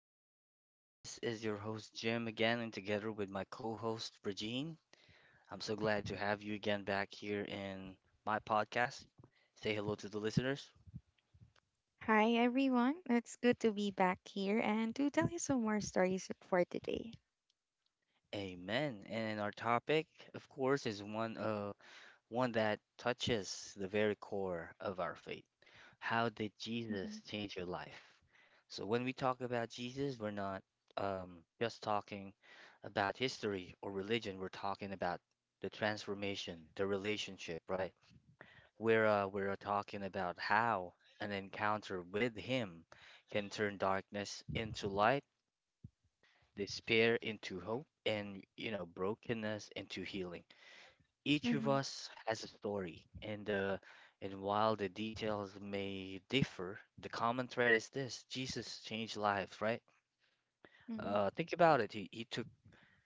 welcome. This is your host Jim again and together with my co-host Regine. I'm so glad to have you again back here in my podcast. Say hello to the listeners. Hi everyone, it's good to be back here and to tell you some more stories for today. Amen. And our topic, of course, is one that touches the very core of our faith. How did Mm-hmm. Jesus change your life? So when we talk about Jesus, we're not just talking about history or religion. We're talking about the transformation, the relationship, right? We're talking about how an encounter with Him can turn darkness into light, despair into hope, and brokenness into healing. Each of Mm-hmm. us has a story, and while the details may differ, the common thread is this: Jesus changed lives, right? Mm-hmm. Think about it. He took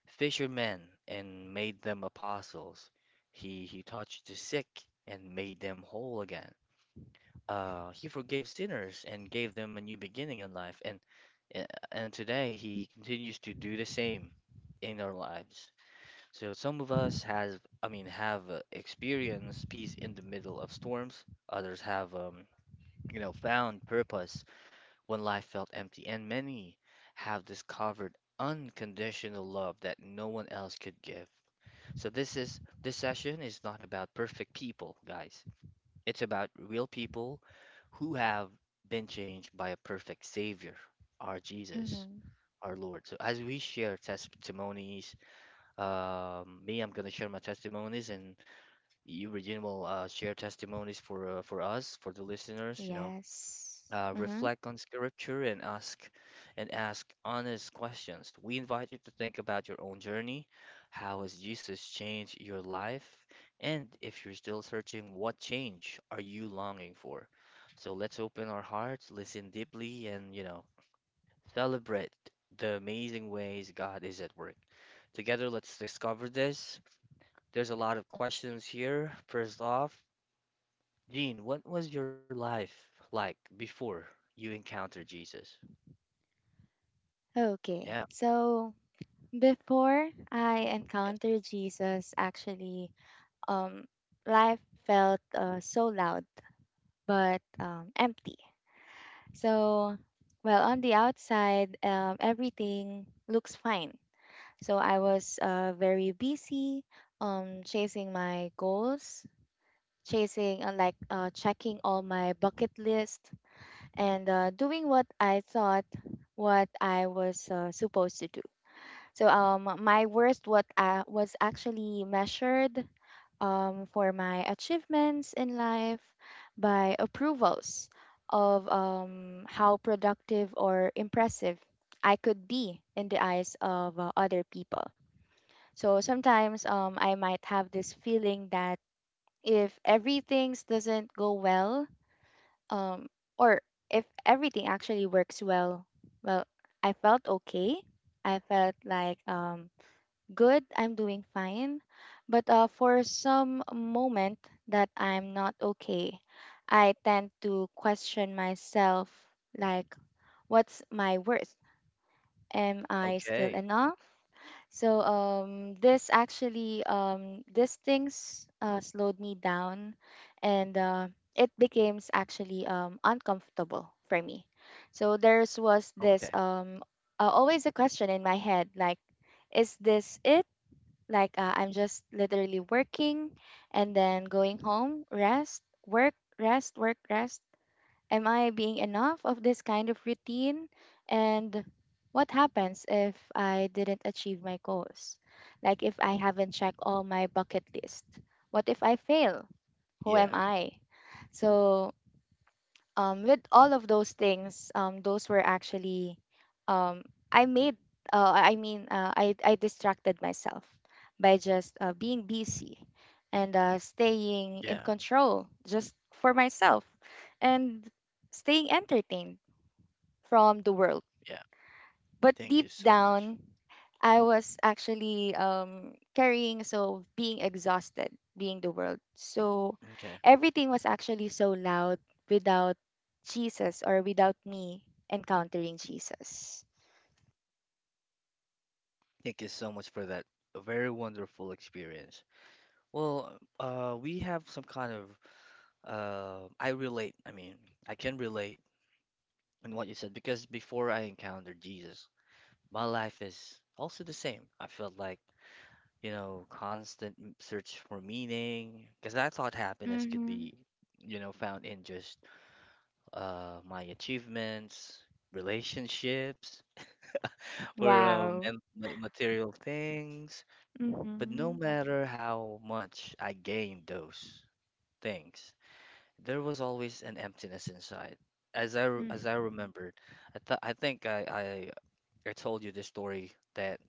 fishermen and made them apostles. He touched the sick and made them whole again. He forgave sinners and gave them a new beginning in life, and today he continues to do the same in our lives. So some of us have, I mean, have experienced peace in the middle of storms. Others have found purpose when life felt empty, and many have discovered unconditional love that no one else could give. So this session is not about perfect people, guys. It's about real people who have been changed by a perfect savior, our Jesus, Mm-hmm. our Lord. So as we share testimonies me, I'm gonna share my testimonies, and you, Regina, will share testimonies for us, for the listeners. Yes. Mm-hmm. Reflect on scripture and ask honest questions. We invite you to think about your own journey. How has Jesus changed your life? And if you're still searching, what change are you longing for? So let's open our hearts, listen deeply, and celebrate the amazing ways God is at work. Together, let's discover this. There's a lot of questions here. First off, Gene, what was your life like before you encountered Jesus? Okay, Yeah. so before I Yes. encountered Jesus, actually, um, life felt so loud but empty. So, well, on the outside, everything looks fine. So I was very busy, chasing my goals, chasing like checking all my bucket list, and doing what I thought, what I was supposed to do. So, my worst, what I was actually measured for, my achievements in life, by approvals of how productive or impressive I could be in the eyes of other people. So sometimes I might have this feeling that if everything doesn't go well, um or if everything actually works well, well, I felt okay. I felt like good, I'm doing fine. But for some moment that I'm not okay, I tend to question myself, like, what's my worth? Am I still Okay. enough? So, this actually, these things slowed me down, and it became actually uncomfortable for me. So there's was this, Okay. Always a question in my head, like, is this it? Like, I'm just literally working, and then going home, rest, work, rest, work, rest. Am I being enough of this kind of routine? And what happens if I didn't achieve my goals? Like if I haven't checked all my bucket list? What if I fail? Who am Yeah. I? So, with all of those things, those were actually, um, I made. I mean, I distracted myself by just being busy, and staying in Yeah. control just for myself, and staying entertained from the world, Yeah. but Thank deep you so much. down, I was actually carrying, so being exhausted, being the world. So Okay. everything was actually so loud without Jesus, or without me encountering Jesus. Thank you so much for that very wonderful experience. Well, we have some kind of I relate. I mean, I can relate in what you said because before I encountered Jesus, my life is also the same. I felt like constant search for meaning. Because I thought happiness could Mm-hmm. be found in just my achievements, relationships, or Wow. and ma- material things. But no Mm-hmm. matter how much I gained those things, there was always an emptiness inside. As I, re- as Mm-hmm. I remembered, I think I told you this story that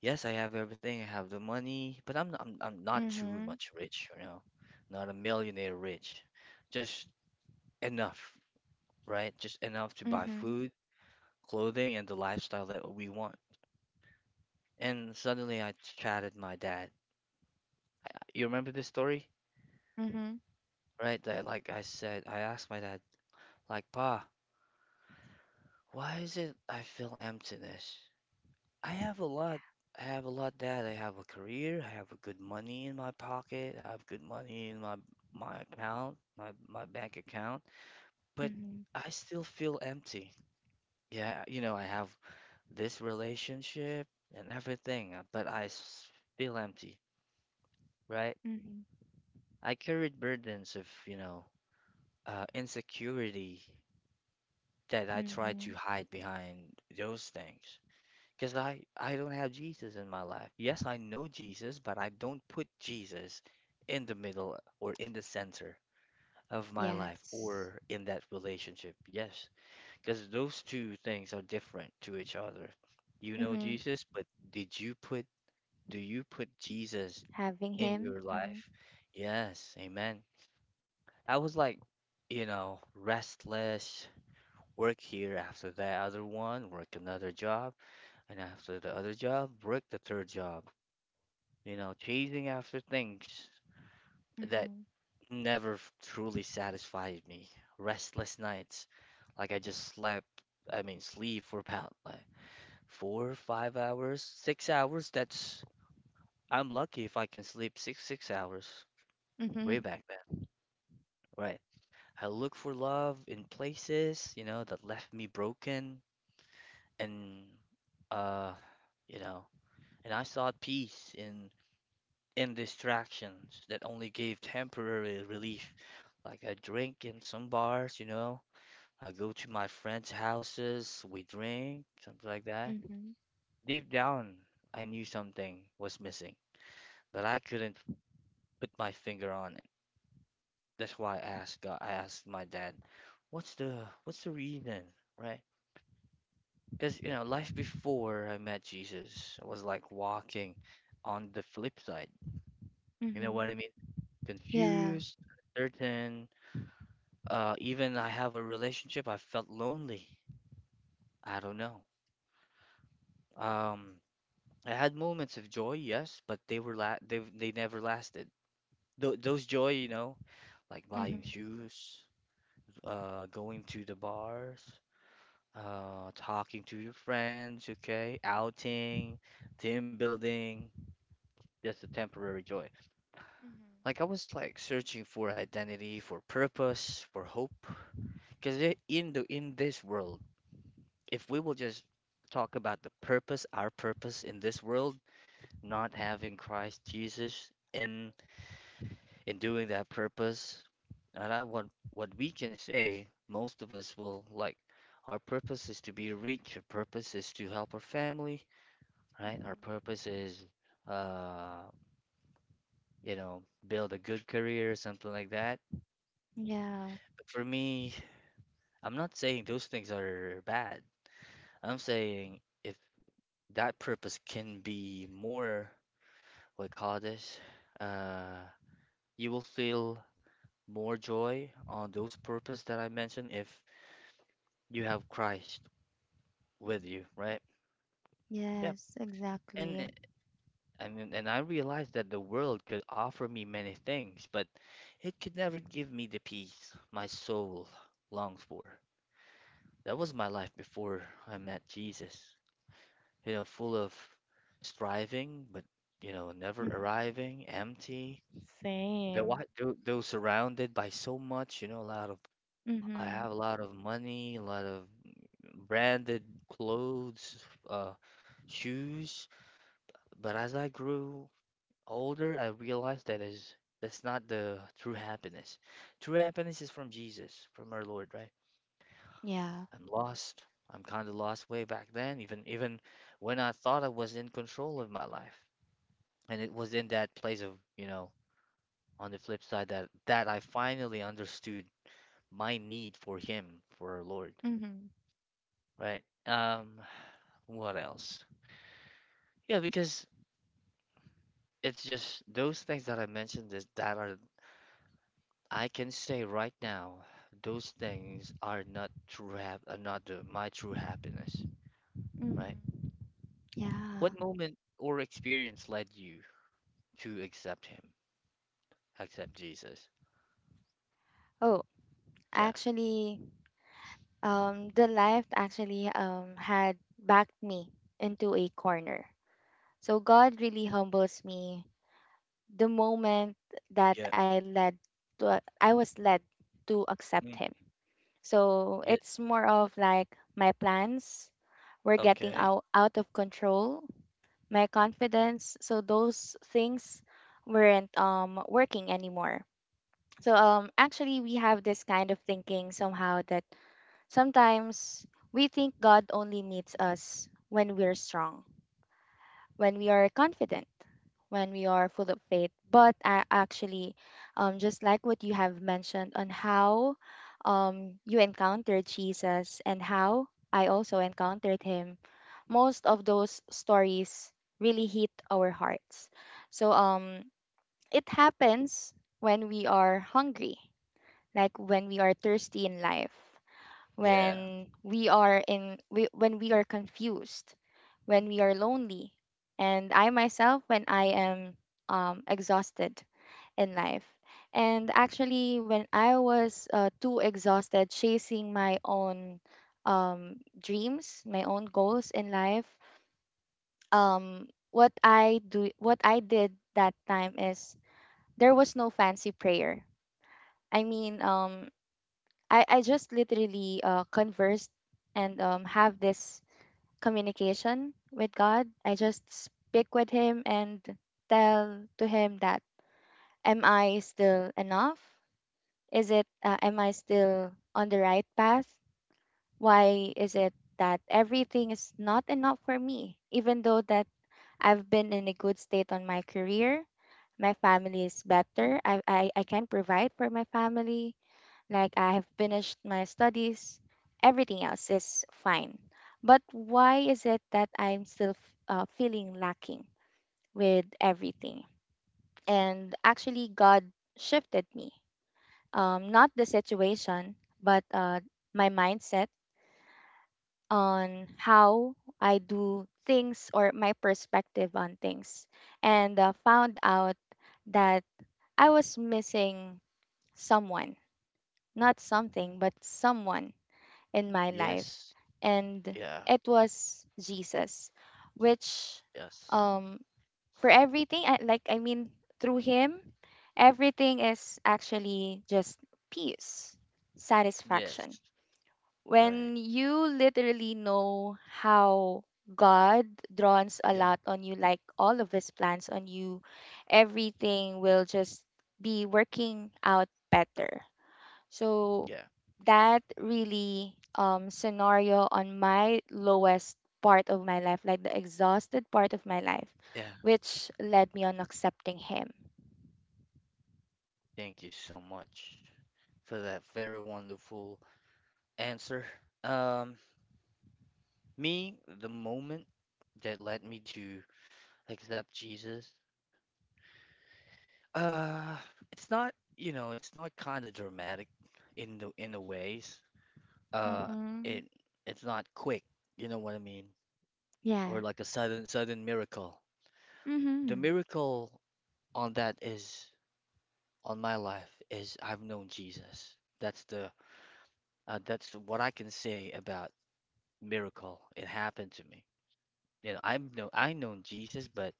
yes, I have everything. I have the money, but I'm not too Mm-hmm. much rich, you know. Not a millionaire rich. Just enough, right? Just enough to buy Mm-hmm. food, clothing, and the lifestyle that we want. And suddenly I chatted my dad. You remember this story? Mm-hmm. Right? That like I said, I asked my dad, like, Pa, why is it I feel emptiness? I have a lot. I have a lot that I have a career. I have a good money in my pocket. I have good money in my account, my bank account. But Mm-hmm. I still feel empty. Yeah, I have this relationship and everything, but feel empty, right? Mm-hmm. I carried burdens of insecurity that I tried Mm-hmm. to hide behind those things. Because I don't have Jesus in my life. Yes, I know Jesus, but I don't put Jesus in the middle or in the center of my life Yes. or in that relationship. Yes, because those two things are different to each other. You know Mm-hmm. Jesus, but did you put, do you put Jesus Having in him. your Mm-hmm. life? Yes, amen. I was like, restless, work here after that other one, work another job, and after the other job, work the third job. Chasing after things that Mm-hmm. never truly satisfied me. Restless nights, like I just slept, I mean, sleep for about like four, 5 hours, 6 hours. That's, I'm lucky if I can sleep six hours Mm-hmm. way back then, right? I look for love in places that left me broken and, uh, you know, and I sought peace in distractions that only gave temporary relief. Like I drink in some bars. I go to my friends' houses, we drink, something like that. Mm-hmm. Deep down, I knew something was missing, but I couldn't put my finger on it. That's why I asked God, I asked my dad, "What's the reason?" Right? Because life before I met Jesus was like walking on the flip side. You know Mm-hmm. what I mean? Yeah. Confused, uncertain. Even I have a relationship, I felt lonely. I don't know. Um, I had moments of joy, yes, but they were la they never lasted. Th those joy, like Mm-hmm. buying shoes, going to the bars, talking to your friends, okay, outing, team building, just a temporary joy. Like I Mm-hmm. was like searching for identity, for purpose, for hope, because in this world, if we will just talk about the purpose, our purpose in this world, not having Christ Jesus in doing that purpose. And I, what we can say, most of us will like our purpose is to be rich. Our purpose is to help our family, right? Mm-hmm. Our purpose is, uh, you know, build a good career something like that. Yeah. But for me, I'm not saying those things are bad. I'm saying if that purpose can be more, what call this, uh, you will feel more joy on those purpose that I mentioned if you have Christ with you, Mm-hmm. right? Yep. Yes, And exactly. I mean, and I realized that the world could offer me many things, but it could never give me the peace my soul longs for. That was my life before I met Jesus. Full of striving, but never Mm-hmm. arriving, empty. Though Same. I, though, though surrounded by so much, you know, a lot of I Mm-hmm. have a lot of money, a lot of branded clothes, uh, shoes. But as I grew older, I realized that is that's not the true happiness. True happiness is from Jesus, from our Lord, right? Yeah. I'm lost. I'm kind of lost way back then, even when I thought I was in control of my life. And it was in that place, on the flip side that I finally understood my need for him, for our Lord, Mm-hmm. right? What else? Yeah, because it's just those things that I mentioned is that are I can say right now, those things are not true hap are not the, my true happiness, right? Mm-hmm. What Yeah. moment or experience led you to accept him, accept Jesus? Oh, Yeah, actually, the life actually had backed me into a corner. So God really humbles me, the moment that yeah, I was led to accept mm, Him. So yeah, it's more of like my plans were getting okay, out of control, my confidence. So those things weren't working anymore. So, actually, we have this kind of thinking somehow that sometimes we think God only meets us when we're strong, when we are confident, when we are full of faith. But I actually, just like what you have mentioned on how you encountered Jesus, and how I also encountered Him, most of those stories really hit our hearts. So, it happens when we are hungry, like when we are thirsty in life, yeah, when we are confused, when we are lonely, and I myself when I am exhausted in life. And actually, when I was too exhausted chasing my own dreams, my own goals in life, what I did that time is there was no fancy prayer. I mean, I just literally conversed and have this communication with God. I just speak with Him and tell to Him that, am I still enough? Am I still on the right path? Why is it that everything is not enough for me? Even though that I've been in a good state on my career, my family is better, I can provide for my family, like I have finished my studies, everything else is fine. But why is it that I'm still feeling lacking with everything? And actually, God shifted me. Not the situation, but my mindset on how I do things, or my perspective on things. And found out that I was missing someone, not something, but someone in my life, yes, and yeah, it was Jesus, which, yes, um, for everything, I, like, I mean, through Him, everything is actually just peace, yes, satisfaction. right, When you literally know how God draws a yeah, lot on you, like all of His plans on you, everything will just be working out better. So yeah, that really, scenario on my lowest part of my life, like the exhausted part of my life, yeah. which led me on accepting Him. Thank you so much for that very wonderful answer. Um, Me, the moment that led me to except Jesus. Uh, it's not kind of dramatic in the ways. Uh, Mm-hmm. it it's not quick, you know what I mean? Or Yeah. like a sudden miracle. The Mm-hmm. miracle on that is on my life is I've known Jesus. That's the that's what I can say about miracle. It happened to me. I've known Jesus, but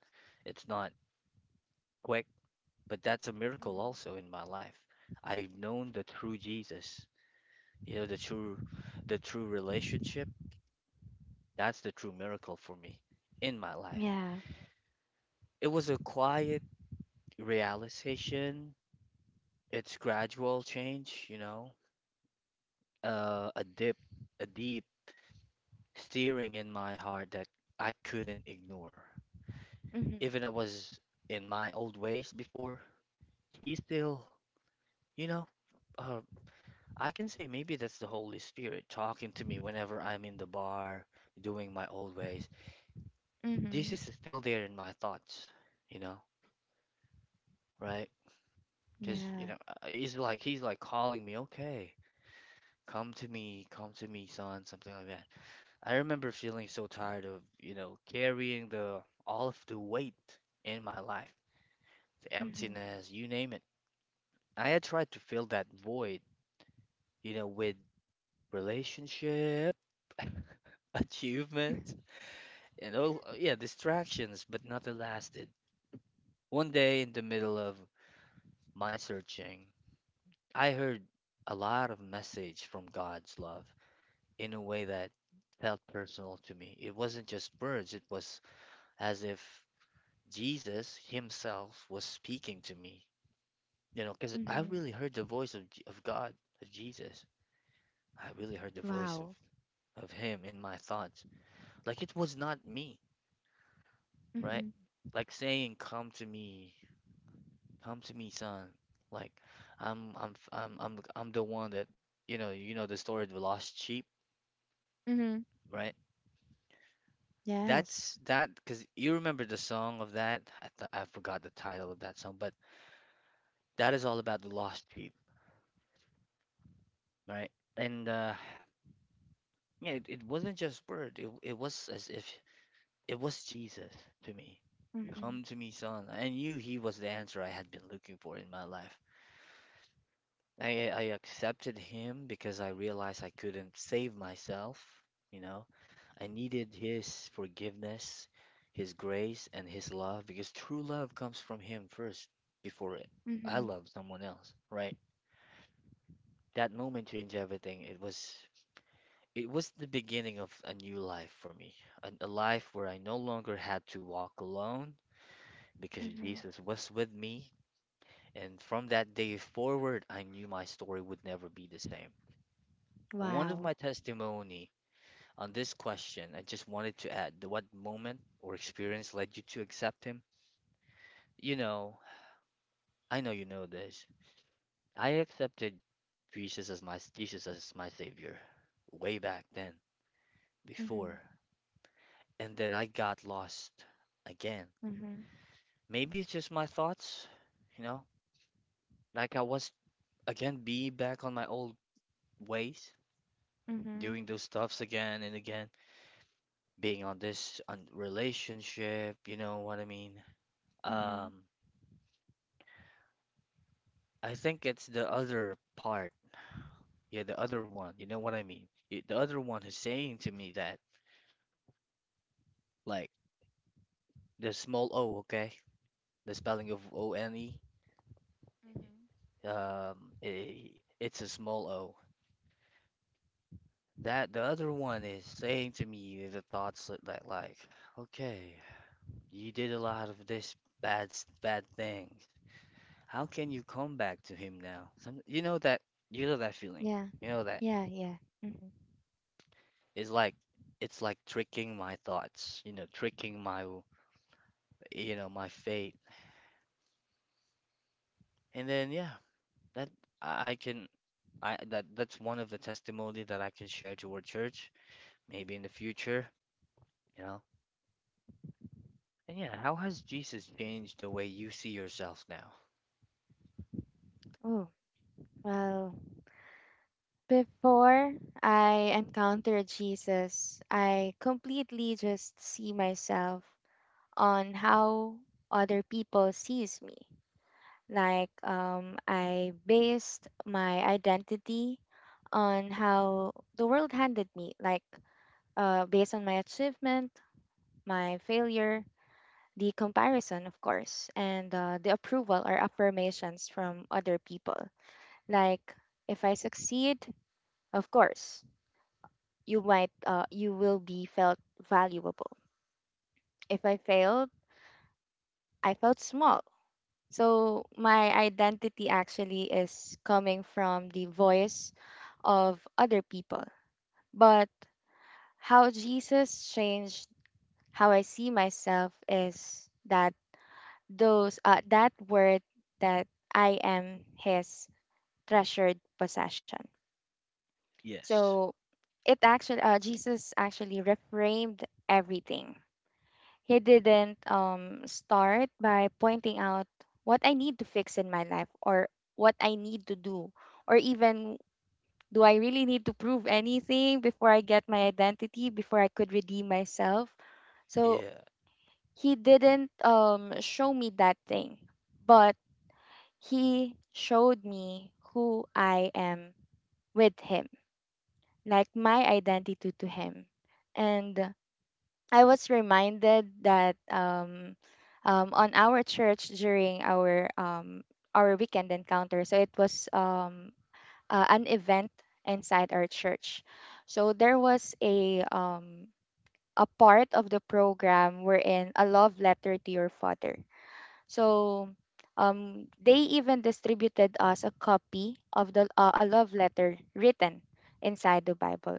it's not quick, but that's a miracle Mm-hmm. also in my life. I've known the true Jesus. The true the true relationship, that's the true miracle for me in my life. Yeah. It was a quiet realization. It's gradual change, you know, uh, a dip, a deep steering in my heart that I couldn't ignore. Mm-hmm. Even I was in my old ways before, he still, you know, uh, I can say maybe that's the Holy Spirit talking to me whenever I'm in the bar doing my old ways. Mm-hmm. This is still there in my thoughts, you know. right? Because you Yeah. know, uh, he's like calling me, okay, come to me, son, something like that. I remember feeling so tired of carrying the all of the weight in my life, the Mm-hmm. emptiness, you name it. I had tried to fill that void, with relationship, achievements, and all, yeah, distractions, but nothing lasted. One day, in the middle of my searching, I heard a lot of message from God's love in a way that felt personal to me. It wasn't just words, it was as if Jesus himself was speaking to me. Because Mm-hmm. I really heard the voice of God, of Jesus. I really heard the voice Wow. Of him in my thoughts. Like it was not me, Mm-hmm. right? Like saying, "Come to me, come to me, son." Like I'm the one that you know the story of the lost sheep, Mm-hmm. right? Yes. That's that because you remember the song of that. I forgot the title of that song, but that is all about the lost sheep, right? And yeah, it wasn't just word. It was as if it was Jesus to me. Mm-hmm. Come to me, son. I knew he was the answer I had been looking for in my life. I accepted him because I realized I couldn't save myself, you know. I needed His forgiveness, His grace, and His love because true love comes from Him first before I Mm-hmm. love someone else, right? That moment changed everything. It was the beginning of a new life for me, a life where I no longer had to walk alone because Mm-hmm. Jesus was with me. And from that day forward, I knew my story would never be the same. One of my Wow. testimony on this question, I just wanted to add that, what moment or experience led you to accept Him? You know, I know you know this. I accepted Jesus as my savior way back then, Mm-hmm. before, and then I got lost again. Mm-hmm. Maybe it's just my thoughts, you know, like I was again be back on my old ways, Mm-hmm. doing those stuffs again and again, being on this on relationship, you know what I mean? Mm-hmm. Um, I think it's the other part, yeah, the other one, you know what I mean? The other one is saying to me that, like, the small O, okay? The spelling of ONE, um, I it's a small O. That the other one is saying to me the thoughts that like, okay, you did a lot of this bad things. How can you come back to him now? You know that, you know that feeling. Yeah, You know that, yeah, yeah. hmm it's like, it's like tricking my thoughts. You know, tricking my you know my fate. And then yeah, that I can I that's one of the testimony that I can share to our church maybe in the future, you know? And yeah, how has Jesus changed the way you see yourself now? Oh, well, before I encountered Jesus, I completely just see myself on how other people sees me. Like, I based my identity on how the world handed me, like, based on my achievement, my failure, the comparison, of course, and the approval or affirmations from other people. Like, if I succeed, of course, you will be felt valuable. If I failed, I felt small. So my identity actually is coming from the voice of other people. But how Jesus changed how I see myself is that, those that word, that I am His treasured possession. Yes. So, it actually Jesus actually reframed everything. He didn't start by pointing out what I need to fix in my life, or what I need to do, or even, do I really need to prove anything before I get my identity, before I could redeem myself. So Yeah. He didn't show me that thing, but He showed me who I am with Him, like my identity to Him. And I was reminded that, on our church during our weekend encounter, so it was an event inside our church. So there was a part of the program wherein a love letter to your father. So, they even distributed us a copy of the a love letter written inside the Bible.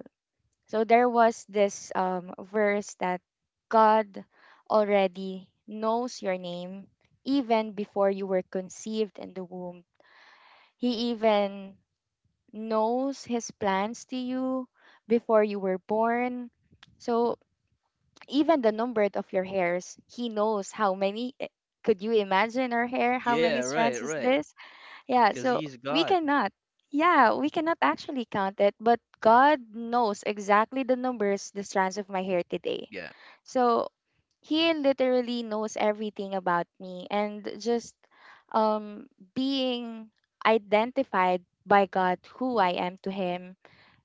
So there was this verse that God already knows your name even before you were conceived in the womb. He even knows His plans to you before you were born. So even the number of your hairs, He knows how many. Could you imagine our hair? How many Yeah, right, strands is right. this? Yeah, Because so he's we God. cannot. Yeah, we cannot actually count it, but God knows exactly the numbers, the strands of my hair today. Yeah. So He literally knows everything about me, and just, um being identified by God, who I am to Him,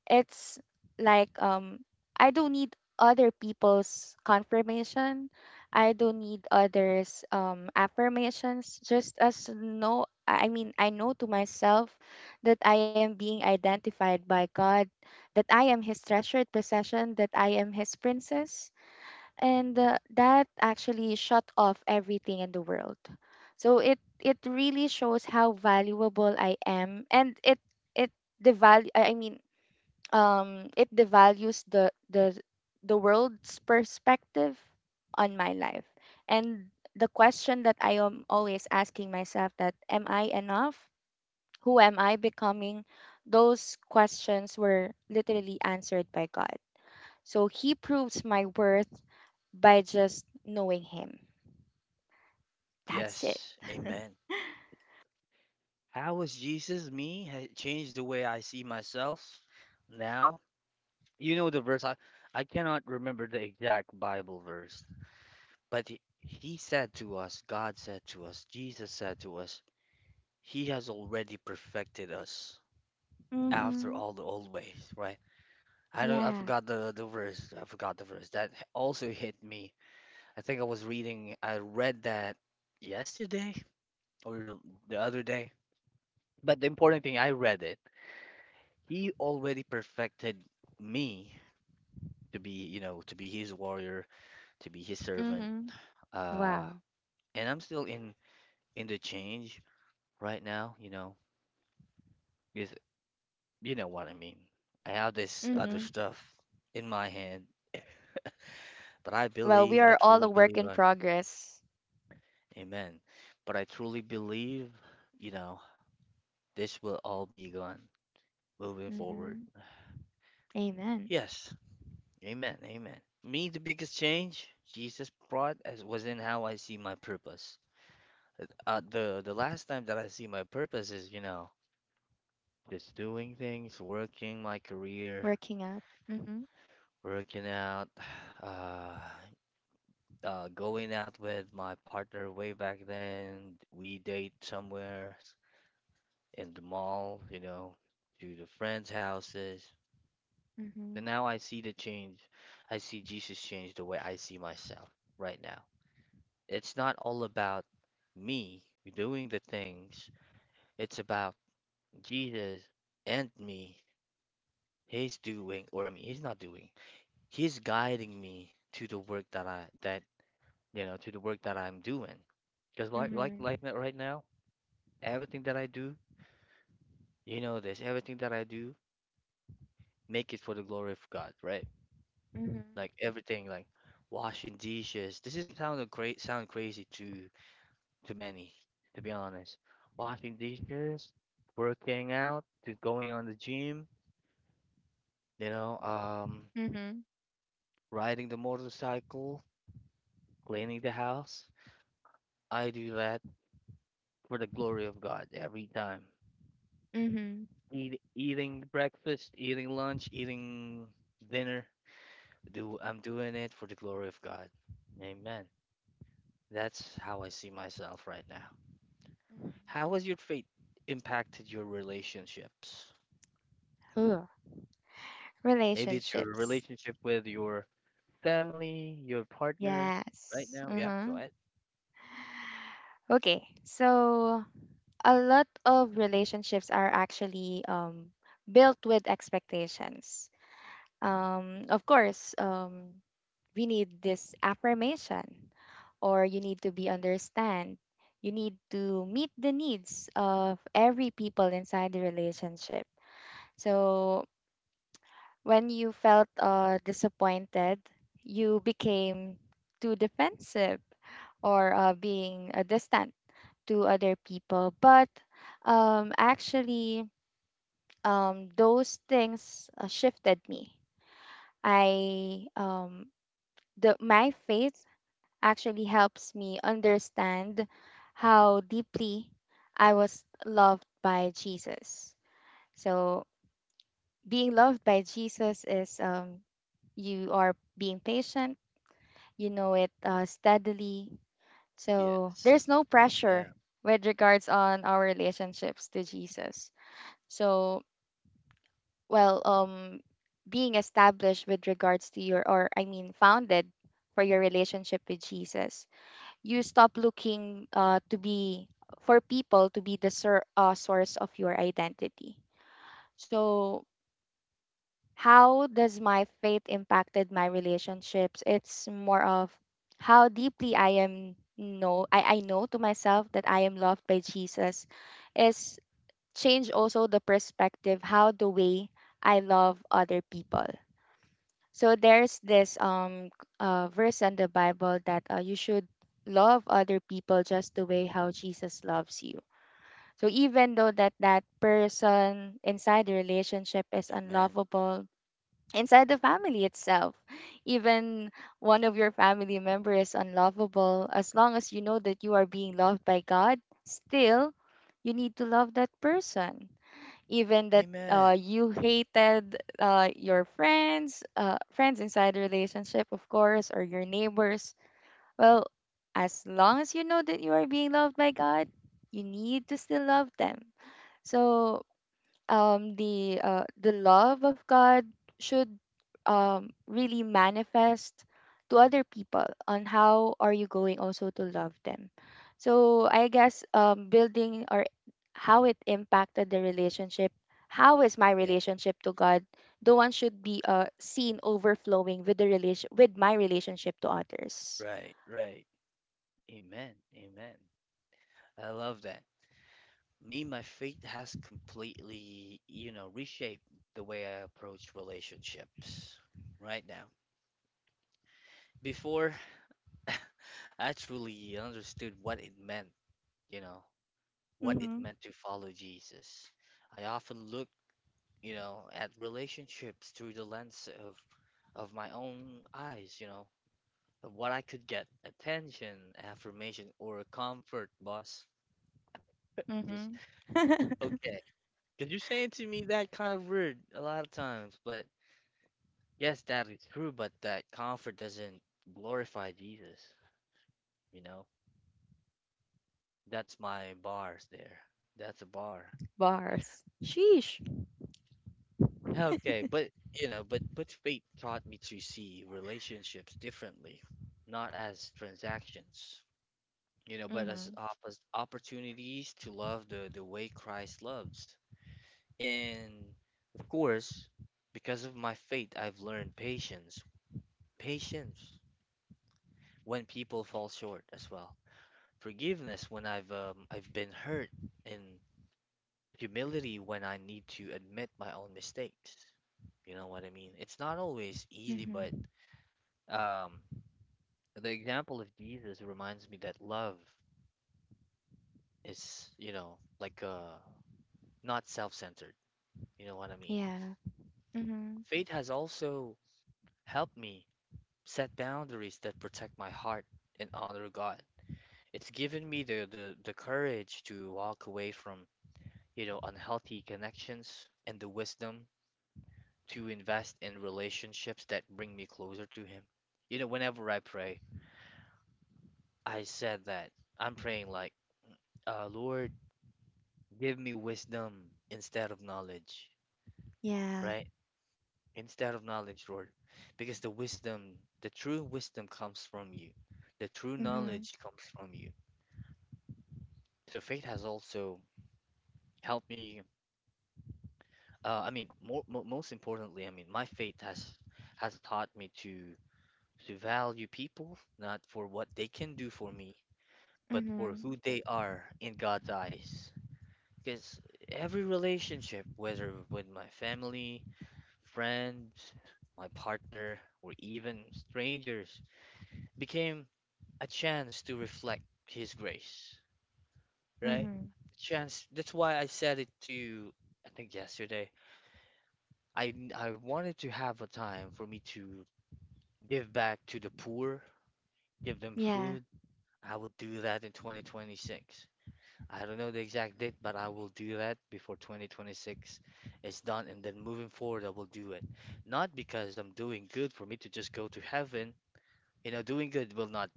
it's like, I don't need other people's confirmation. I don't need others affirmations. Just as know I mean, I know to myself that I am being identified by God, that I am His treasured possession, that I am His princess. And that actually shut off everything in the world. So it really shows how valuable I am, and it the value, I mean, it devalues the world's perspective on my life, and the question that I am always asking myself, that am I enough, who am I becoming, those questions were literally answered by God. So He proves my worth by just knowing Him. That's it. Yes. Amen. How has changed the way I see myself now? You know the verse, I cannot remember the exact Bible verse, but he said to us, God said to us, Jesus said to us, He has already perfected us after Mhm. all the old ways, right? I don't. I Yeah. forgot the verse. I forgot the verse. That also hit me. I think I was reading. I read that yesterday or the other day. But the important thing, I read it. He already perfected me to be, you know, to be his warrior, to be his servant. Mhm. Uh, Wow. and I'm still in the change right now. You know, because you know what I mean. I have this other Mhm. stuff in my hand, but Well, we I are all truly a work believe. in progress. Amen. But I truly believe, you know, this will all be gone moving forward. Mhm. Amen. Yes. Amen. Amen. Me, the biggest change Jesus brought as was in how I see my purpose. The last time that I see my purpose is, you know, just doing things, working my career, Working out. Mhm. working out, uh, going out with my partner way back then. We date somewhere, in the mall, you know, to the friends' houses. But Mhm. now I see the change. I see Jesus change the way I see myself right now. It's not all about me doing the things, it's about Jesus and me. He's doing, or I mean, he's not doing. He's guiding me to the work that I that you know, to the work that I'm doing. Because like Mhm. that right now, everything that I do, you know this, everything that I do, make it for the glory of God, right? Mhm. Like everything, like washing dishes. This is kind of great, sound crazy to many, to be honest. Washing dishes, working out, to going on the gym, you know, Mhm. riding the motorcycle, cleaning the house. I do that for the glory of God every time. Mhm. Mhm. Eating breakfast, eating lunch, eating dinner. Do I'm doing it for the glory of God. Amen. That's how I see myself right now. How has your faith impacted your relationships? Ugh. Maybe it's your Relationships. relationship with your family, your partner right Yes. now. Yeah, go Uh-huh. ahead. Okay. So a lot of relationships are actually built with expectations. Of course, we need this affirmation, or you need to be understand. You need to meet the needs of every people inside the relationship. So when you felt disappointed, you became too defensive, or being distant to other people. But, actually, those things shifted me. I the My faith actually helps me understand how deeply I was loved by Jesus. So being loved by Jesus is, you are being patient, you know it, steadily. So Yes. there's no Yeah. pressure with regards on our relationships to Jesus. So, well, being established with regards to or I mean, founded for your relationship with Jesus, you stop looking to be for people to be the source of your identity. So how does my faith impacted my relationships? It's more of how deeply I know to myself that I am loved by Jesus, is change also the perspective, how the way I love other people. So there's this verse in the Bible that you should love other people just the way how Jesus loves you. So even though that that person inside the relationship is Amen. unlovable, inside the family itself. Even one of your family member is unlovable, as long as you know that you are being loved by God, still you need to love that person. Even that Amen. you hated your friends, friends inside the relationship, of course, or your neighbors. Well, as long as you know that you are being loved by God, you need to still love them. So the love of God should really manifest to other people on how are you going also to love them. So I guess building or how it impacted the relationship, how is my Yeah. relationship to God, the one should be seen overflowing with my relationship to others. Right. Right. Amen. Amen. I love that. Me, my faith has completely, you know, reshaped the way I approach relationships right now. Before, I truly understood what it meant, you know, what it Mhm. meant to follow Jesus. I often look, you know, at relationships through the lens of my own eyes, you know, of what I could get, attention, affirmation, or comfort, boss. Just Mhm. okay, because you're saying to me that kind of word a lot of times, but yes, that is true, but that comfort doesn't glorify Jesus, you know. That's my bars there. That's a bar. Bars. Sheesh. Okay, but you know, but fate taught me to see relationships differently, not as transactions, you know, but as Mm-hmm. oppos opportunities to love the way Christ loves. And of course, because of my faith, I've learned patience, patience when people fall short as well, forgiveness when I've been hurt, and humility when I need to admit my own mistakes. You know what I mean? It's not always easy, but Mm-hmm. Um, the example of Jesus reminds me that love is, you know, like not self-centered. You know what I mean? Yeah. Mm-hmm. Faith has also helped me set boundaries that protect my heart and honor God. It's given me the courage to walk away from, you know, unhealthy connections and the wisdom to invest in relationships that bring me closer to Him. You know, whenever I pray, I said that I'm praying like, Lord. Give me wisdom instead of knowledge, Yeah. right? Instead of knowledge, Lord. Because the wisdom, the true wisdom comes from you. The true Mhm. knowledge comes from you. So faith has also helped me. I mean, more, mo most importantly, I mean, my faith has taught me to value people not for what they can do for me, but for Mhm. who they are in God's eyes. Because every relationship, whether with my family, friends, my partner, or even strangers became a chance to reflect His grace, right? Mhm. Chance. That's why I said it to, you, I think yesterday. I wanted to have a time for me to give back to the poor, give them Yeah. food. I will do that in 2026. I don't know the exact date, but I will do that before 2026 is done, and then moving forward, I will do it. Not because I'm doing good for me to just go to heaven. You know, doing good will not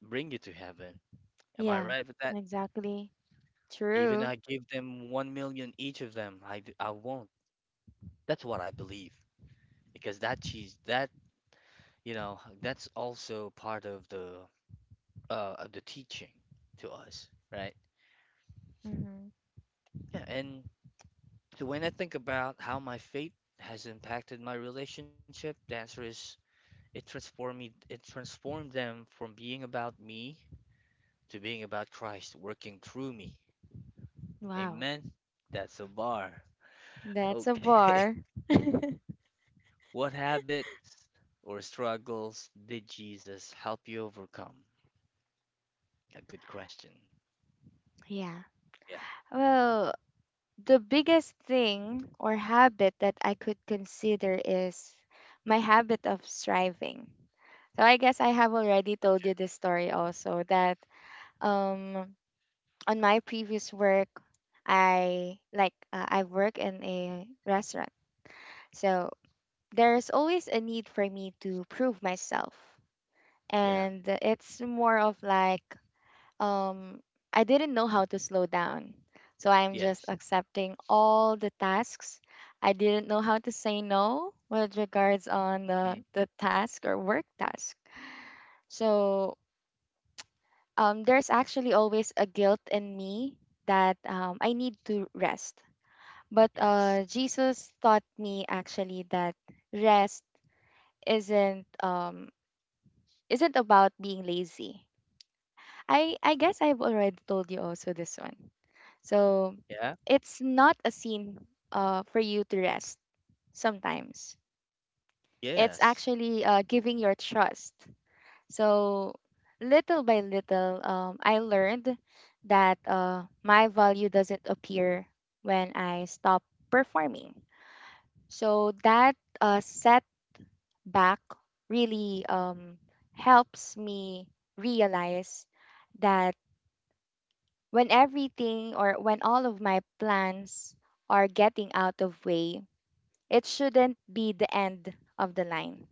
bring you to heaven. Am I Yeah. right with that? Exactly. Even True. I give them 1,000,000 each of them, I won't. That's what I believe. Because that cheese, that, you know, that's also part of the teaching to us, right? Mhm. Yeah, and so when I think about how my faith has impacted my relationship, the answer is it transformed me, it transformed them from being about me to being about Christ working through me. Wow. Amen. That's a bar. That's a Okay. bar. What habits or struggles did Jesus help you overcome? A good question. Yeah. Yeah. Well, the biggest thing or habit that I could consider is my habit of striving. So I guess I have already told you Okay. this story also that um on my previous work I work in a restaurant. So there's always a need for me to prove myself. Yeah. And it's more of like um I didn't know how to slow down. So I'm just Yes. accepting all the tasks. I didn't know how to say no with regards on the, Mm. the task or work task. So there's actually always a guilt in me that I need to rest. But Yes. Jesus taught me actually that rest isn't um, isn't about being lazy. I guess I've already told you also this one. So Yeah. it's not a scene for you to rest sometimes. It's Yes. actually giving your trust. So little by little, I learned that my value doesn't appear when I stop performing. So that setback really helps me realize that when everything or when all of my plans are getting out of way, it shouldn't be the end of the line.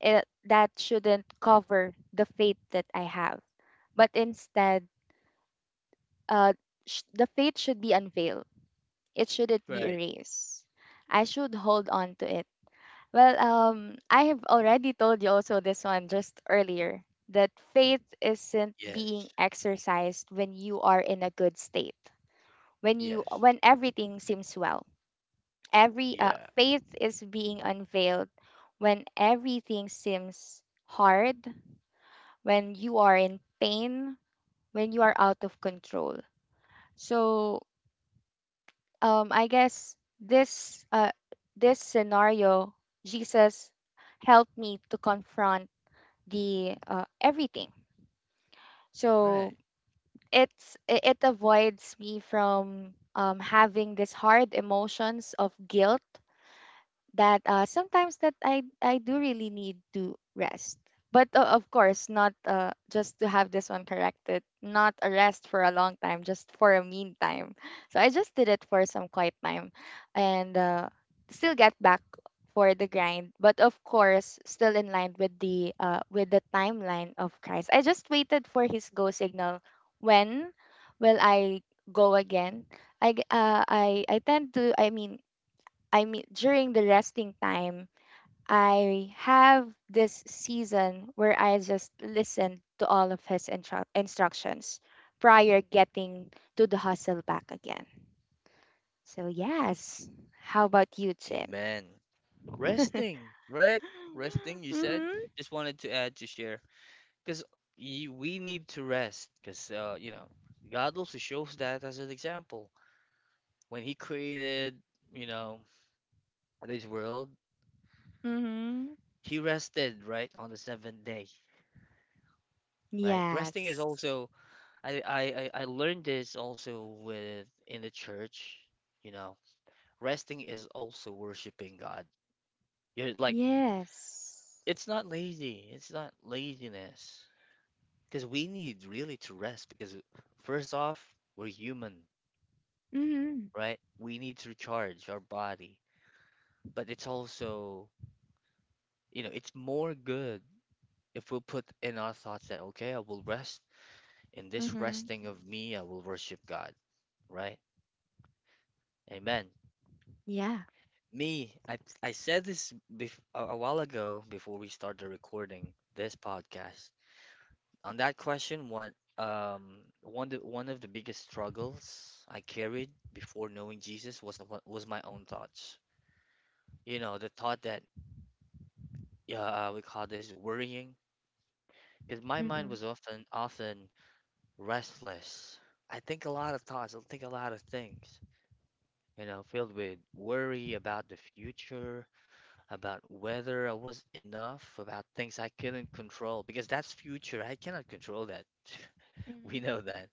That shouldn't cover the fate that I have. But instead, uh, the fate should be unveiled. It shouldn't be Right. erased. I should hold on to it. Well, I have already told you also this one just earlier that faith isn't Yes. being exercised when you are in a good state. When you Yes. when everything seems well, every Yeah. faith is being unveiled when everything seems hard, when you are in pain, when you are out of control. So I guess this scenario, Jesus helped me to confront the everything. So Right. it avoids me from having these hard emotions of guilt that sometimes that I do really need to rest. But of course, not just to have this one corrected, not a rest for a long time, just for a meantime. So I just did it for some quiet time, and still get back for the grind. But of course, still in line with the timeline of Christ. I just waited for his go signal. When will I go again? I g- I tend to I mean, during the resting time, I have this season where I just listen to all of his instructions prior getting to the hustle back again. So yes, how about you, Jim? Amen. Resting, right? Resting, you said. Mhm. Just wanted to add to share because we need to rest because you know, God also shows that as an example when He created, you know, this world. Mhm. He rested, right, on the seventh day, right? Resting is Yes. also I learned this also with in the church, you know. Resting is also worshiping God. You're like, Yes. it's not lazy. It's not laziness. Because we need really to rest because first off, we're human, Mhm. right? We need to recharge our body. But it's also, you know, it's more good if we put in our thoughts that okay, I will rest in this Mhm. resting of me, I will worship God. Right. Amen. Yeah. Me, I said this a while ago before we started recording this podcast. On that question, what one of the biggest struggles I carried before knowing Jesus was was my own thoughts. You know, the thought that yeah, we call this worrying, because my mind Mhm. was often restless. I think a lot of thoughts. I think a lot of things. You know, filled with worry about the future, about whether I was enough, about things I couldn't control, because that's future. I cannot control that. We Mhm. know that.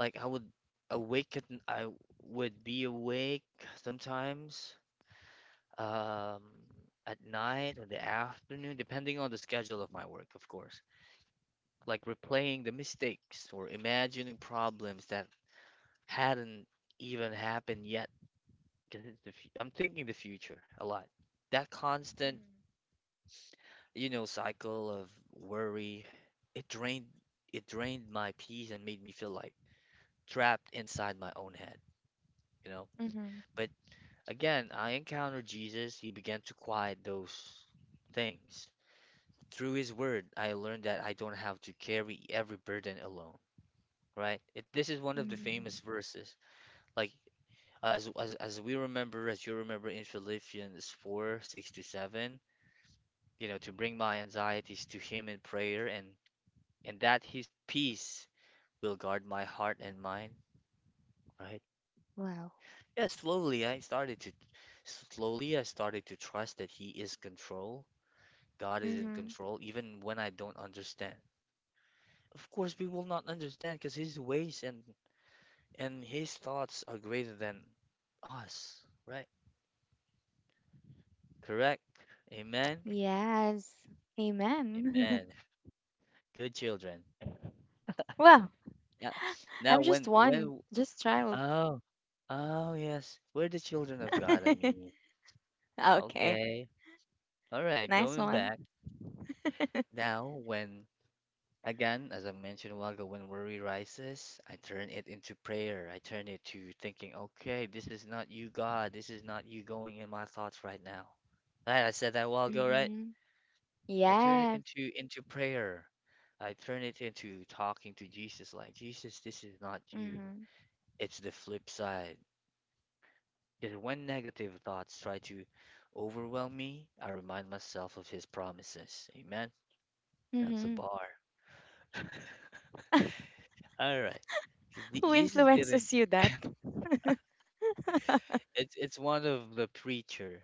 Like I would I would be awake sometimes um, at night or the afternoon, depending on the schedule of my work, of course. Like replaying the mistakes or imagining problems that hadn't even happened yet. 'Cause I'm thinking the future a lot. That constant, you know, cycle of worry. It drained it drained my peace and made me feel like trapped inside my own head, you know. Mhm. Mhm. But again, I encountered Jesus. He began to quiet those things. Through his word, I learned that I don't have to carry every burden alone, right? It, this is one of the famous Mhm. verses. Like as we remember, as you remember in Philippians 4, 6 to 7, you know, to bring my anxieties to him in prayer, and that his peace will guard my heart and mind, right? Wow. Yeah, slowly I started to Slowly I started to trust that he is control. God is in Hmm. control even when I don't understand. Of course, we will not understand because his ways and his thoughts are greater than us, right? Correct? Amen. Yes. Amen. Amen. Good children. Well, Yeah. Now I'm just when one, when just child. oh, oh yes, we're the children of God, I mean. Okay. Okay. All right, Nice going one. back. Now, when Again, as I mentioned a while ago, when worry rises, I turn it into prayer. I turn it to thinking, okay, this is not you, God. This is not you going in my thoughts right now. Right, I said that a while ago, right? Mm-hmm. I turn it Yes. into prayer. I turn it into talking to Jesus, like, Jesus, this is not you. Mm-hmm. It's the flip side. Because when negative thoughts try to overwhelm me, I remind myself of his promises. Amen. That's a Mm-hmm. bar. All right. 'Cause the- Who Jesus didn't influences you that? It's one of the preacher,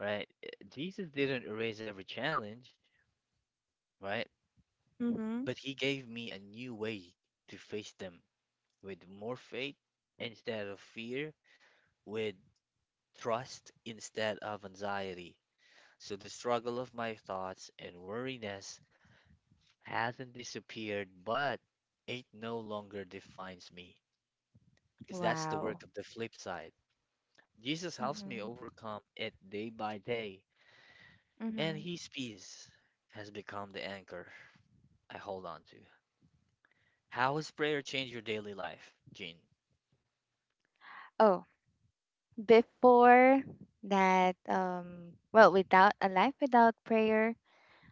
right? Jesus didn't erase every challenge, right? Mm-hmm. But he gave me a new way to face them with more faith instead of fear, with trust instead of anxiety. So the struggle of my thoughts and worriness hasn't disappeared, but it no longer defines me. Because that's the Wow. work of the flip side. Jesus helps Mm-hmm. me overcome it day by day, Mm-hmm. and his peace has become the anchor I hold on to. How has prayer changed your daily life, Gene? Oh, before that, well, without a life without prayer,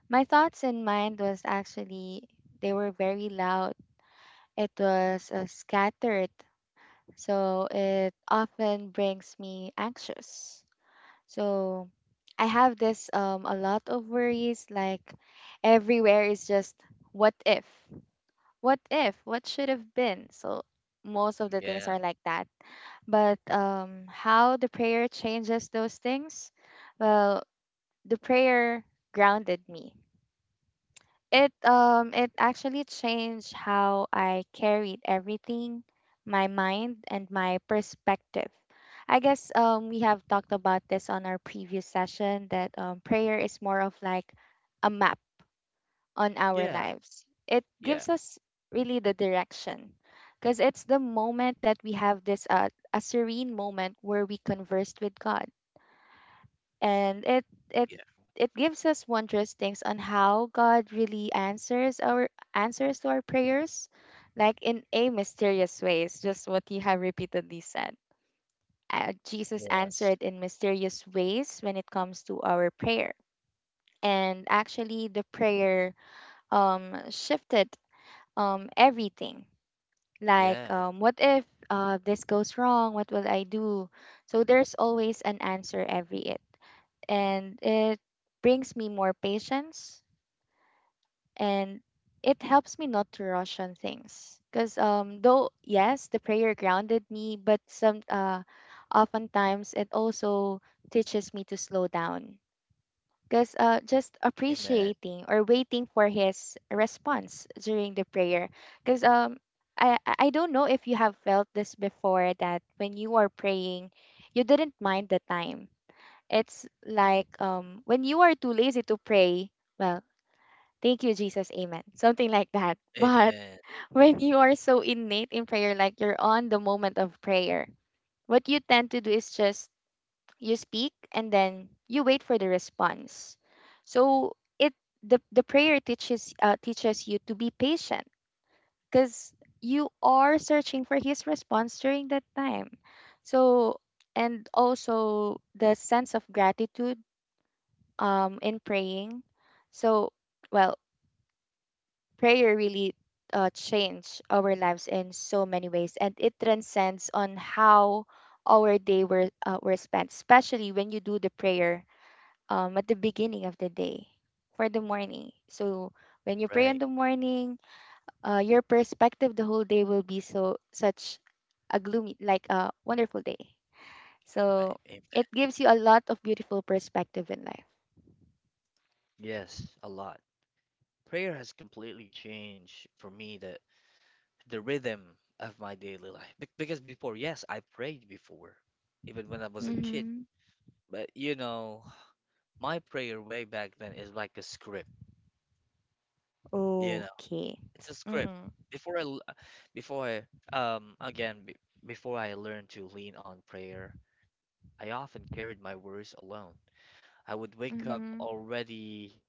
my thoughts and mind was actually, they were very loud. It was scattered. So it often brings me anxious. So I have this a lot of worries like everywhere is just what if? What if? What should have been? So most of the things Yeah, are like that. But how the prayer changes those things? Well, the prayer grounded me. It actually changed how I carried everything, my mind and my perspective. I guess we have talked about this on our previous session that prayer is more of like a map on our yeah, lives. It yeah, gives us really the direction because it's the moment that we have this a serene moment where we conversed with God, and it yeah. it gives us wondrous things on how God really answers to our prayers, like in a mysterious ways, just what you have repeatedly said. Jesus Yes. answered in mysterious ways when it comes to our prayer, and actually the prayer shifted everything. Like, Yeah. What if this goes wrong? What will I do? So there's always an answer every it and it brings me more patience, and it helps me not to rush on things because though yes the prayer grounded me, but some oftentimes it also teaches me to slow down because just Amen. appreciating or waiting for his response during the prayer, because I don't know if you have felt this before, that when you are praying you didn't mind the time. It's like when you are too lazy to pray, well, thank you, Jesus, amen. Something like that. But Amen. when you are so innate in prayer, like you're on the moment of prayer, what you tend to do is just you speak and then you wait for the response. So the prayer teaches you to be patient because you are searching for his response during that time. So and also the sense of gratitude in praying. So, well, prayer really changed our lives in so many ways, and it transcends on how our day were spent, especially when you do the prayer at the beginning of the day for the morning. So when you pray in Right. the morning, your perspective the whole day will be so such a gloomy, like a wonderful day. Right. So Amen. it gives you a lot of beautiful perspective in life. Yes, a lot. Prayer has completely changed for me the rhythm of my daily life. Be because before, yes, I prayed before, even when I was a kid. Mm-hmm. But you know, my prayer way back then is like a script. You know. Okay. It's a script. Mhm. Before I, l- before I, um, again, be- Before I learned to lean on prayer, I often carried my worries alone. I would wake up Mhm. already,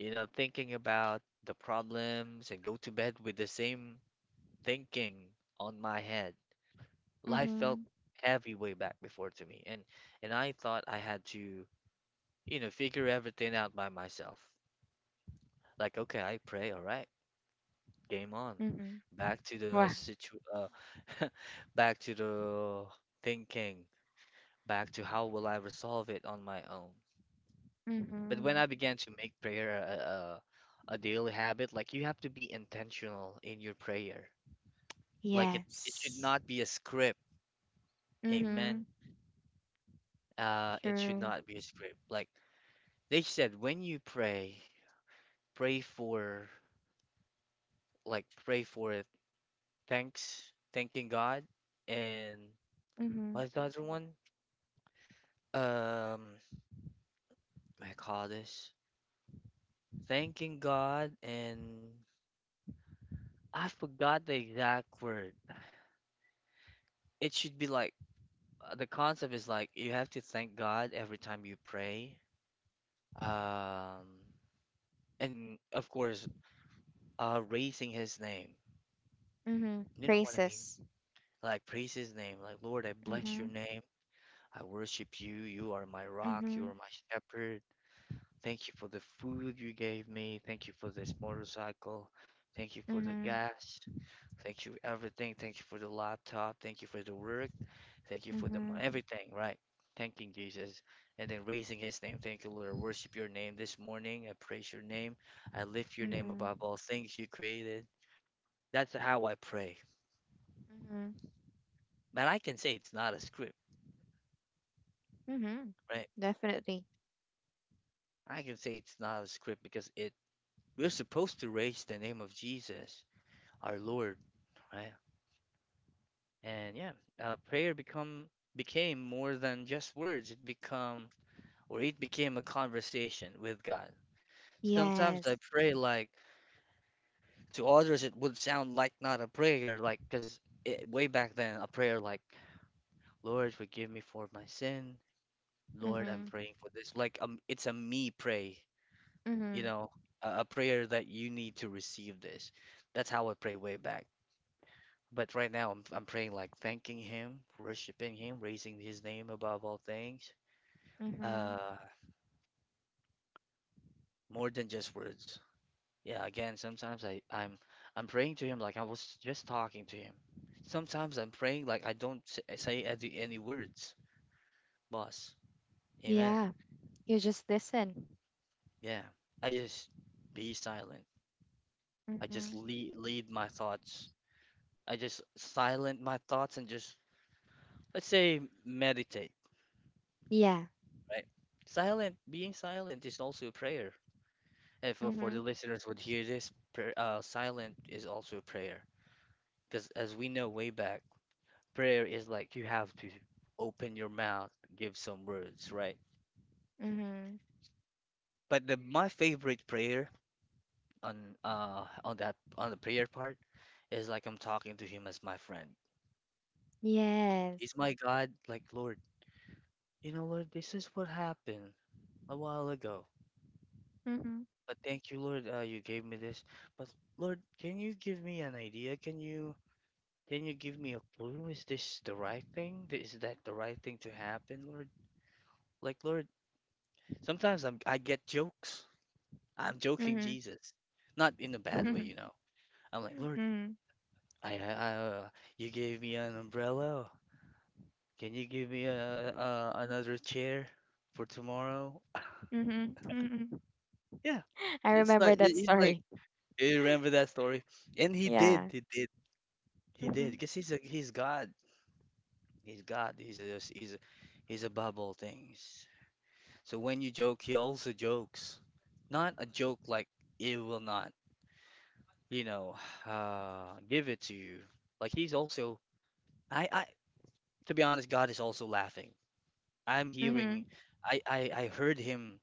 you know, thinking about the problems and go to bed with the same thinking on my head. Life felt Mhm. heavy way back before to me, and I thought I had to, you know, figure everything out by myself. Like, okay, I pray, all right. Game on. Mhm. Back to the Wow. situ Back to the thinking, back to how will I resolve it on my own. But when I Mhm. began to make prayer a daily habit, like you have to be intentional in your prayer. Like it should Yes. not be a script. Amen. Mhm. It should True. not be a script. Like they said when you pray, pray for, pray for it. Thanks, thanking God, and Mhm. what's the other one? Um I call this thanking God, and I forgot the exact word. It should be like, the concept is like you have to thank God every time you pray. Um, and of course, raising His name. Mhm. You know what I mean? Phrases. Like praise His name. Like Lord, I bless Your Mhm. name. I worship You. You are my rock. You are Mhm. my shepherd. Thank you for the food you gave me. Thank you for this motorcycle. Thank you for the Mhm. gas. Thank you everything. Thank you for the laptop. Thank you for the work. Thank you for the Mhm. everything, right? Thanking Jesus. And then raising his name. Thank you, Lord. I worship your name this morning. I praise your name. I lift your name Mhm. above all things you created. That's how I pray. Mhm. And I can say it's not a script, Mhm. right? Definitely. I can say it's not a script because it we're supposed to raise the name of Jesus, our Lord, right? And yeah, prayer become became more than just words. It become where it became a conversation with God. Sometimes I Yes. pray like, to others it would sound like not a prayer, like because it, way back then a prayer like, Lord forgive me for my sin, Lord I'm Mhm. praying for this, like it's a me pray, you Mhm. know, a prayer that you need to receive this. That's how I pray way back. But right now I'm praying like thanking Him, worshiping Him, raising His name above all things, Mhm. uh, more than just words. Yeah, again, sometimes I'm praying to him like I was just talking to him. Sometimes I'm praying like I don't s- eh, say any words, boss. Amen. Yeah. You just listen. Yeah. I just be silent. I just Mhm. Lead my thoughts. I just silent my thoughts and just, let's say, meditate, Yeah. right? Silent, being silent is also a prayer. And for Mhm. the listeners would hear this, prayer, silent is also a prayer. Because as we know way back, prayer is like you have to open your mouth, give some words, right? Mhm. But the my favorite prayer on the prayer part is like I'm talking to him as my friend. Yes. He's my God, like Lord, you know, Lord, this is what happened a while ago. Mhm. But thank you, Lord, you gave me this. But Lord, can you give me an idea? Can you give me a clue? Is this the right thing? Is that the right thing to happen, Lord? Like Lord, sometimes I get jokes. I'm joking, Mhm. Jesus. Not in a bad way, you know. I'm like, Lord, Mhm. I, I, I- uh, you gave me an umbrella. Can you give me a another chair for tomorrow? Mm-hmm. Mm-hmm. Yeah. I It's remember like that he's like, story. "Do you remember that story? And he did, Yeah. he did, he Mm-hmm. did, because he's God, he's God, he's a, he's a, he's above all things. So when you joke, he also jokes. Not a joke like it will not, you know, give it to you. Like he's also I to be honest, God is also laughing. I'm Mm-hmm. hearing, I heard him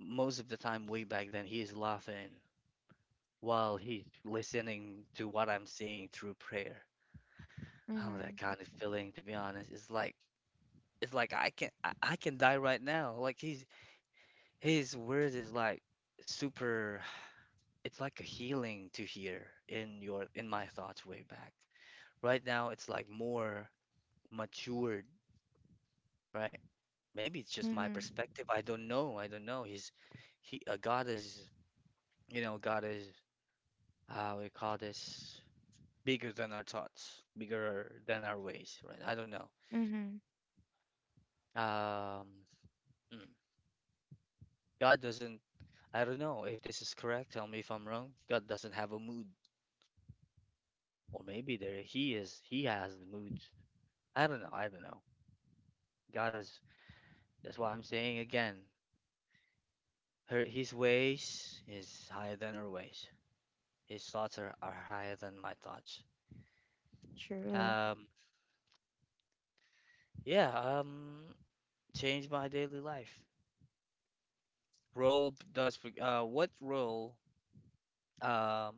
most of the time way back then. He is laughing while he's listening to what I'm saying through prayer. Oh, Mm-hmm. that kind of feeling, to be honest, it's like, it's like I can die right now. Like he's his words is like super. It's like a healing to hear in my thoughts way back. Right now, it's like more matured, right? Maybe it's just my Mm-hmm. perspective. I don't know. I don't know. He God is, you know, God is, how we call this, bigger than our thoughts, bigger than our ways, right? I don't know. Mm-hmm. Um, mm, God doesn't. I don't know if this is correct. Tell me if I'm wrong. God doesn't have a mood, or maybe there he is. He has the moods. I don't know. I don't know. God is. That's why I'm saying again. Her, his ways is higher than her ways. His thoughts are higher than my thoughts. True. Um, yeah, um, change my daily life. Role b- does for, what role um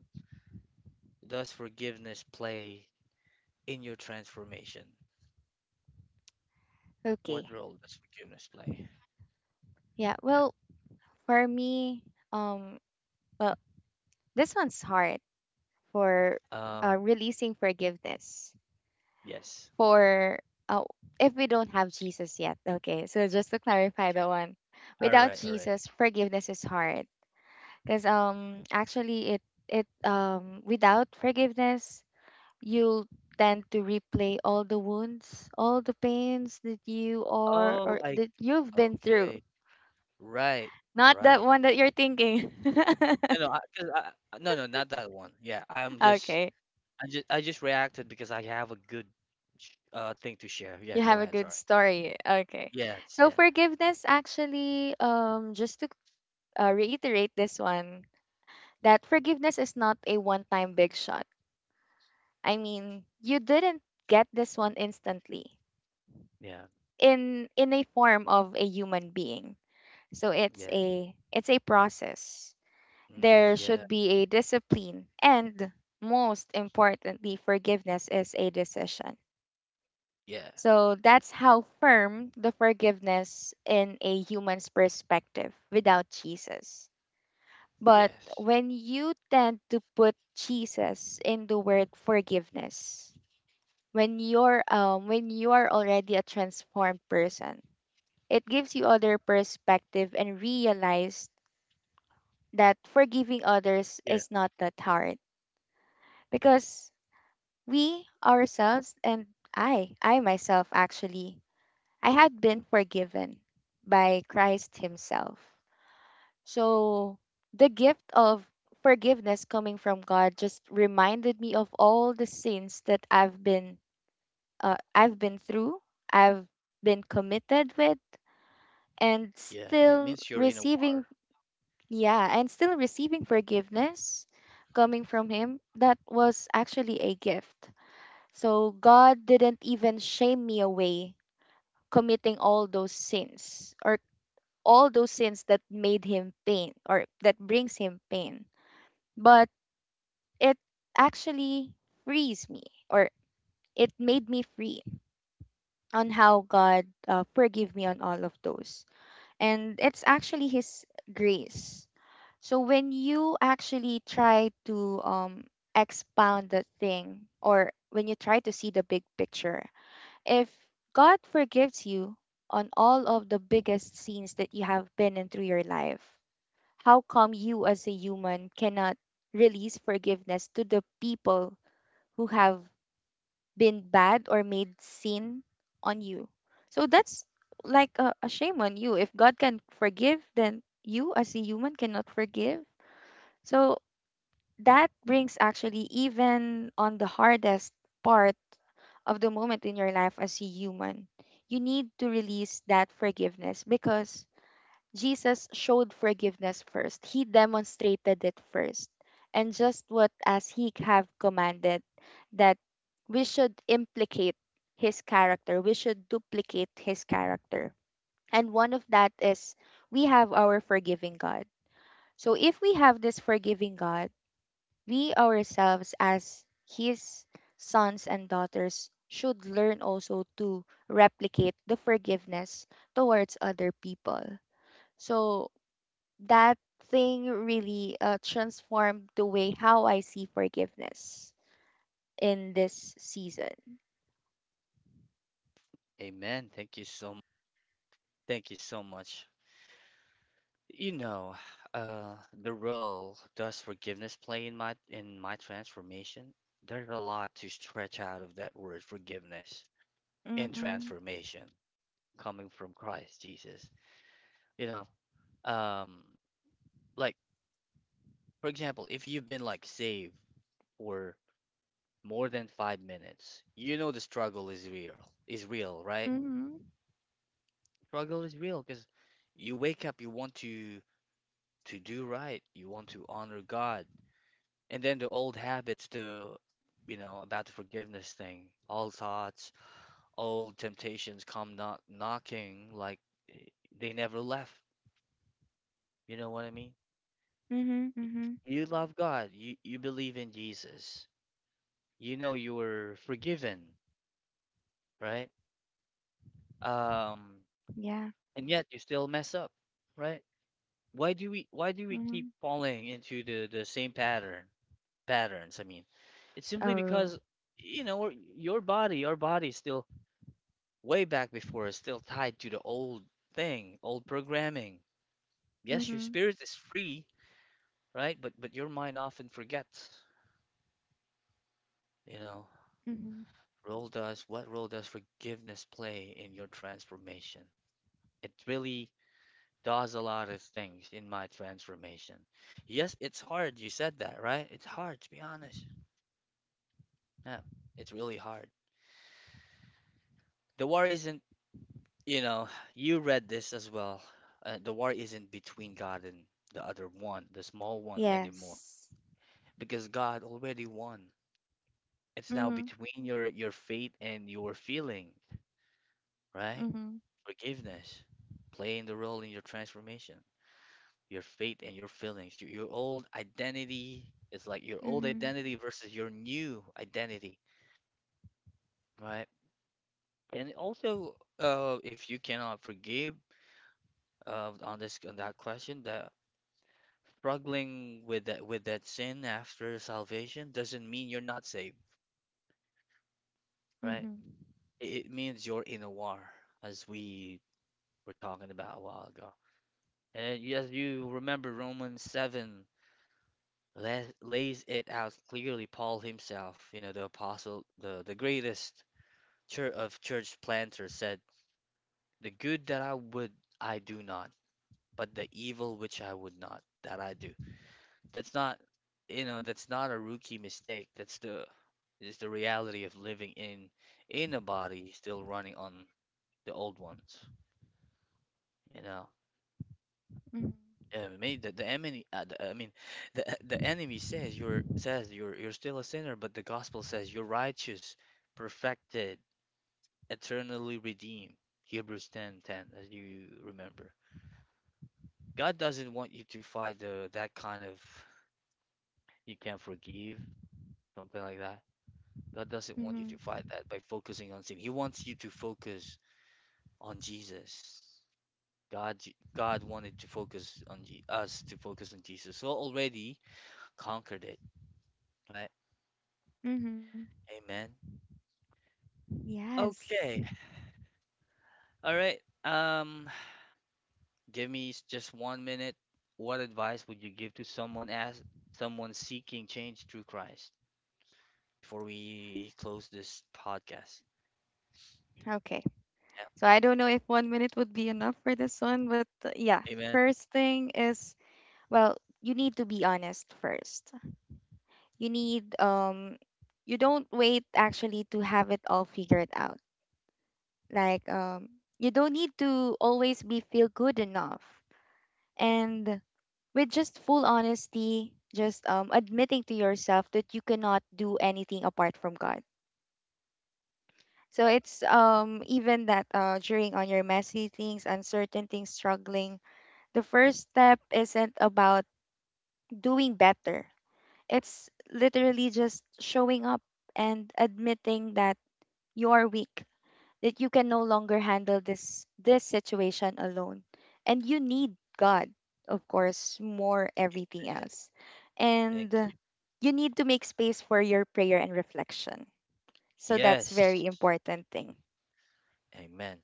does forgiveness play in your transformation? What Okay. role does forgiveness play? Yeah. Yeah. Well, for me, um, well, this one's hard for Oh, releasing forgiveness yes. for uh, if we don't have Jesus yet. Okay. So just to clarify Yeah. the one, All without right, all right. Jesus, forgiveness is hard because actually it it without forgiveness you'll tend to replay all the wounds, all the pains that you are Oh, or I that you've been through. okay. Right, Not that right. one that you're thinking. No, no, I, 'cause I- no, no, not that one. Yeah, Okay. I just reacted because I have a good, thing to share. Yeah, You have go a ahead. good Sorry. story. Okay. Yes, So yeah, forgiveness actually just to reiterate this one, that forgiveness is not a one-time big shot. I mean, you didn't get this one instantly yeah. In a form of a human being. So Yes. It's a process. Mm, There yeah, should be a discipline. And most importantly, forgiveness is a decision. yeah, So that's how firm the forgiveness in a human's perspective without Jesus. But yes, when you tend to put Jesus in the word forgiveness, when you're when you are already a transformed person, it gives you other perspective and realize that forgiving others Yeah. is not that hard because we ourselves, and I myself actually, I had been forgiven by Christ Himself. So the gift of forgiveness coming from God just reminded me of all the sins that I've been through, I've been committed with, and yeah. It means still you're in a war. receiving yeah, and still receiving forgiveness coming from Him. That was actually a gift. So God didn't even shame me away committing all those sins or all those sins that made him pain or that brings him pain. But it actually frees me, or it made me free on how God forgive me on all of those. And it's actually his grace. So when you actually try to expound the thing, or when you try to see the big picture, if God forgives you on all of the biggest sins that you have been in through your life, how come you as a human cannot release forgiveness to the people who have been bad or made sin on you? So that's like a shame on you. If God can forgive, then you as a human cannot forgive. So that brings actually even on the hardest part of the moment in your life as a human. You need to release that forgiveness because Jesus showed forgiveness first. He demonstrated it first. And just what as he have commanded, that we should implicate his character. We should duplicate his character. And one of that is we have our forgiving God. So if we have this forgiving God, we ourselves, as his sons and daughters, should learn also to replicate the forgiveness towards other people. So that thing really transformed the way how I see forgiveness in this season. Yeah. Amen. Thank you so much. Thank you so much. You know, uh, the role does forgiveness play in my transformation? There's a lot to stretch out of that word forgiveness and Mm-hmm. transformation coming from Christ Jesus. You know, um, like for example, if you've been like saved for more than 5 minutes, you know the struggle is real, right? Mm-hmm. Struggle is real because you wake up, you want to do right, you want to honor God, and then the old habits, the about the forgiveness thing, old thoughts, old temptations come knocking like eh, they never left. You know what I mean? Mm-hmm, mm-hmm. You love God, you believe in Jesus, you know you were forgiven, right? Um, Yeah. and yet you still mess up, right? Why do Mm-hmm. we keep falling into the same patterns. It's simply Oh, because your body is still way back before, is still tied to the old thing, old programming. Yes, your Mm-hmm. spirit is free, right? But your mind often forgets. You know, Mm-hmm. role does what role does forgiveness play in your transformation? It really does a lot of things in my transformation. Yes, it's hard. You said that, right? It's hard to be honest. Yeah, it's really hard. The war isn't You know, you read this as well. The war isn't between God and the other one, the small one anymore, Yes. because God already won. It's now Mm-hmm. between your faith and your feeling, right? Mm-hmm. Forgiveness, playing the role in your transformation, your faith and your feelings. Your old identity is like your old Mm-hmm. identity versus your new identity, right? And also, if you cannot forgive, on this on that question, that struggling with that sin after salvation doesn't mean you're not saved, right? Mm-hmm. It means you're in a war, as we were talking about a while ago. And as you remember, Romans 7 lays it out clearly. Paul himself, you know, the apostle, the greatest church planters said, "The good that I would, I do not, but the evil which I would not, that I do." That's not, You know, that's not a rookie mistake. That's the It's the reality of living in a body still running on the old ones, you know. Yeah, I the enemy, the enemy says you're still a sinner, but the gospel says you're righteous, perfected, eternally redeemed. Hebrews 10:10, as you remember. God doesn't want you to fight the that kind of you can't forgive, something like that. God doesn't want you to Mm-hmm. fight that by focusing on sin. He wants you to focus on Jesus. God wanted to focus on Je- us to focus on Jesus. So already conquered it, right? Mm-hmm. Amen. Yes. Okay. All right. Give me just 1 minute. What advice would you give to someone as someone seeking change through Christ before we close this podcast? Okay. Yep. So I don't know if 1 minute would be enough for this one, but yeah. Amen. First thing is, well, you need to be honest first. You need um you don't wait actually to have it all figured out. Like you don't need to always be feel good enough. And with just full honesty, just admitting to yourself that you cannot do anything apart from God. So it's even that during on your messy things, uncertain things, struggling, the first step isn't about doing better. It's literally just showing up and admitting that you're weak, that you can no longer handle this situation alone. And you need God, of course, more everything else. Thank And you. you need to make space for your prayer and reflection. So that's Yes. very important thing. Amen.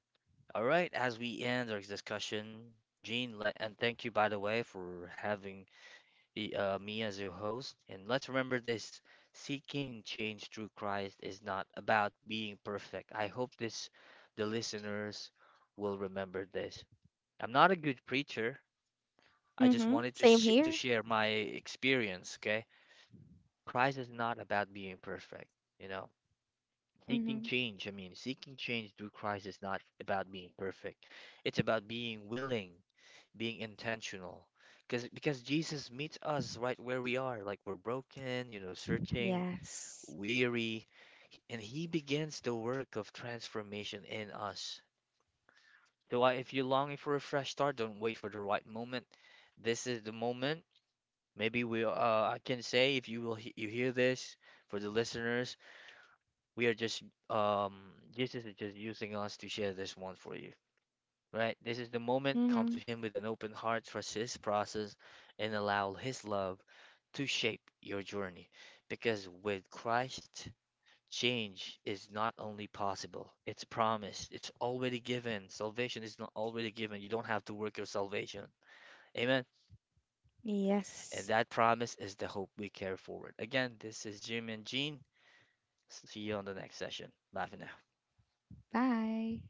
All right. As we end our discussion, Jean, and thank you, by the way, for having me as your host. And let's remember this: seeking change through Christ is not about being perfect. I hope this, the listeners, will remember this. I'm not a good preacher. I just Hmm. wanted Same to here. share my experience, okay? Christ is not about being perfect, you know. Seeking Mm-hmm. change, seeking change through Christ is not about being perfect. It's about being willing, being intentional, because Jesus meets us right where we are, like we're broken, you know, searching, Yes. weary, and He begins the work of transformation in us. So if you're longing for a fresh start, don't wait for the right moment. This is the moment. Maybe we, I can say, if you will you hear this, for the listeners, we are just um Jesus is just using us to share this one for you, right? This is the moment. Come Mm-hmm. to Him with an open heart, trust His process, and allow His love to shape your journey. Because with Christ, change is not only possible, it's promised, it's already given. Salvation is not already given. You don't have to work your salvation. Amen. And Yes. that promise is the hope we carry forward. Again, this is Jim and Jean. See you on the next session. Bye for now. Bye.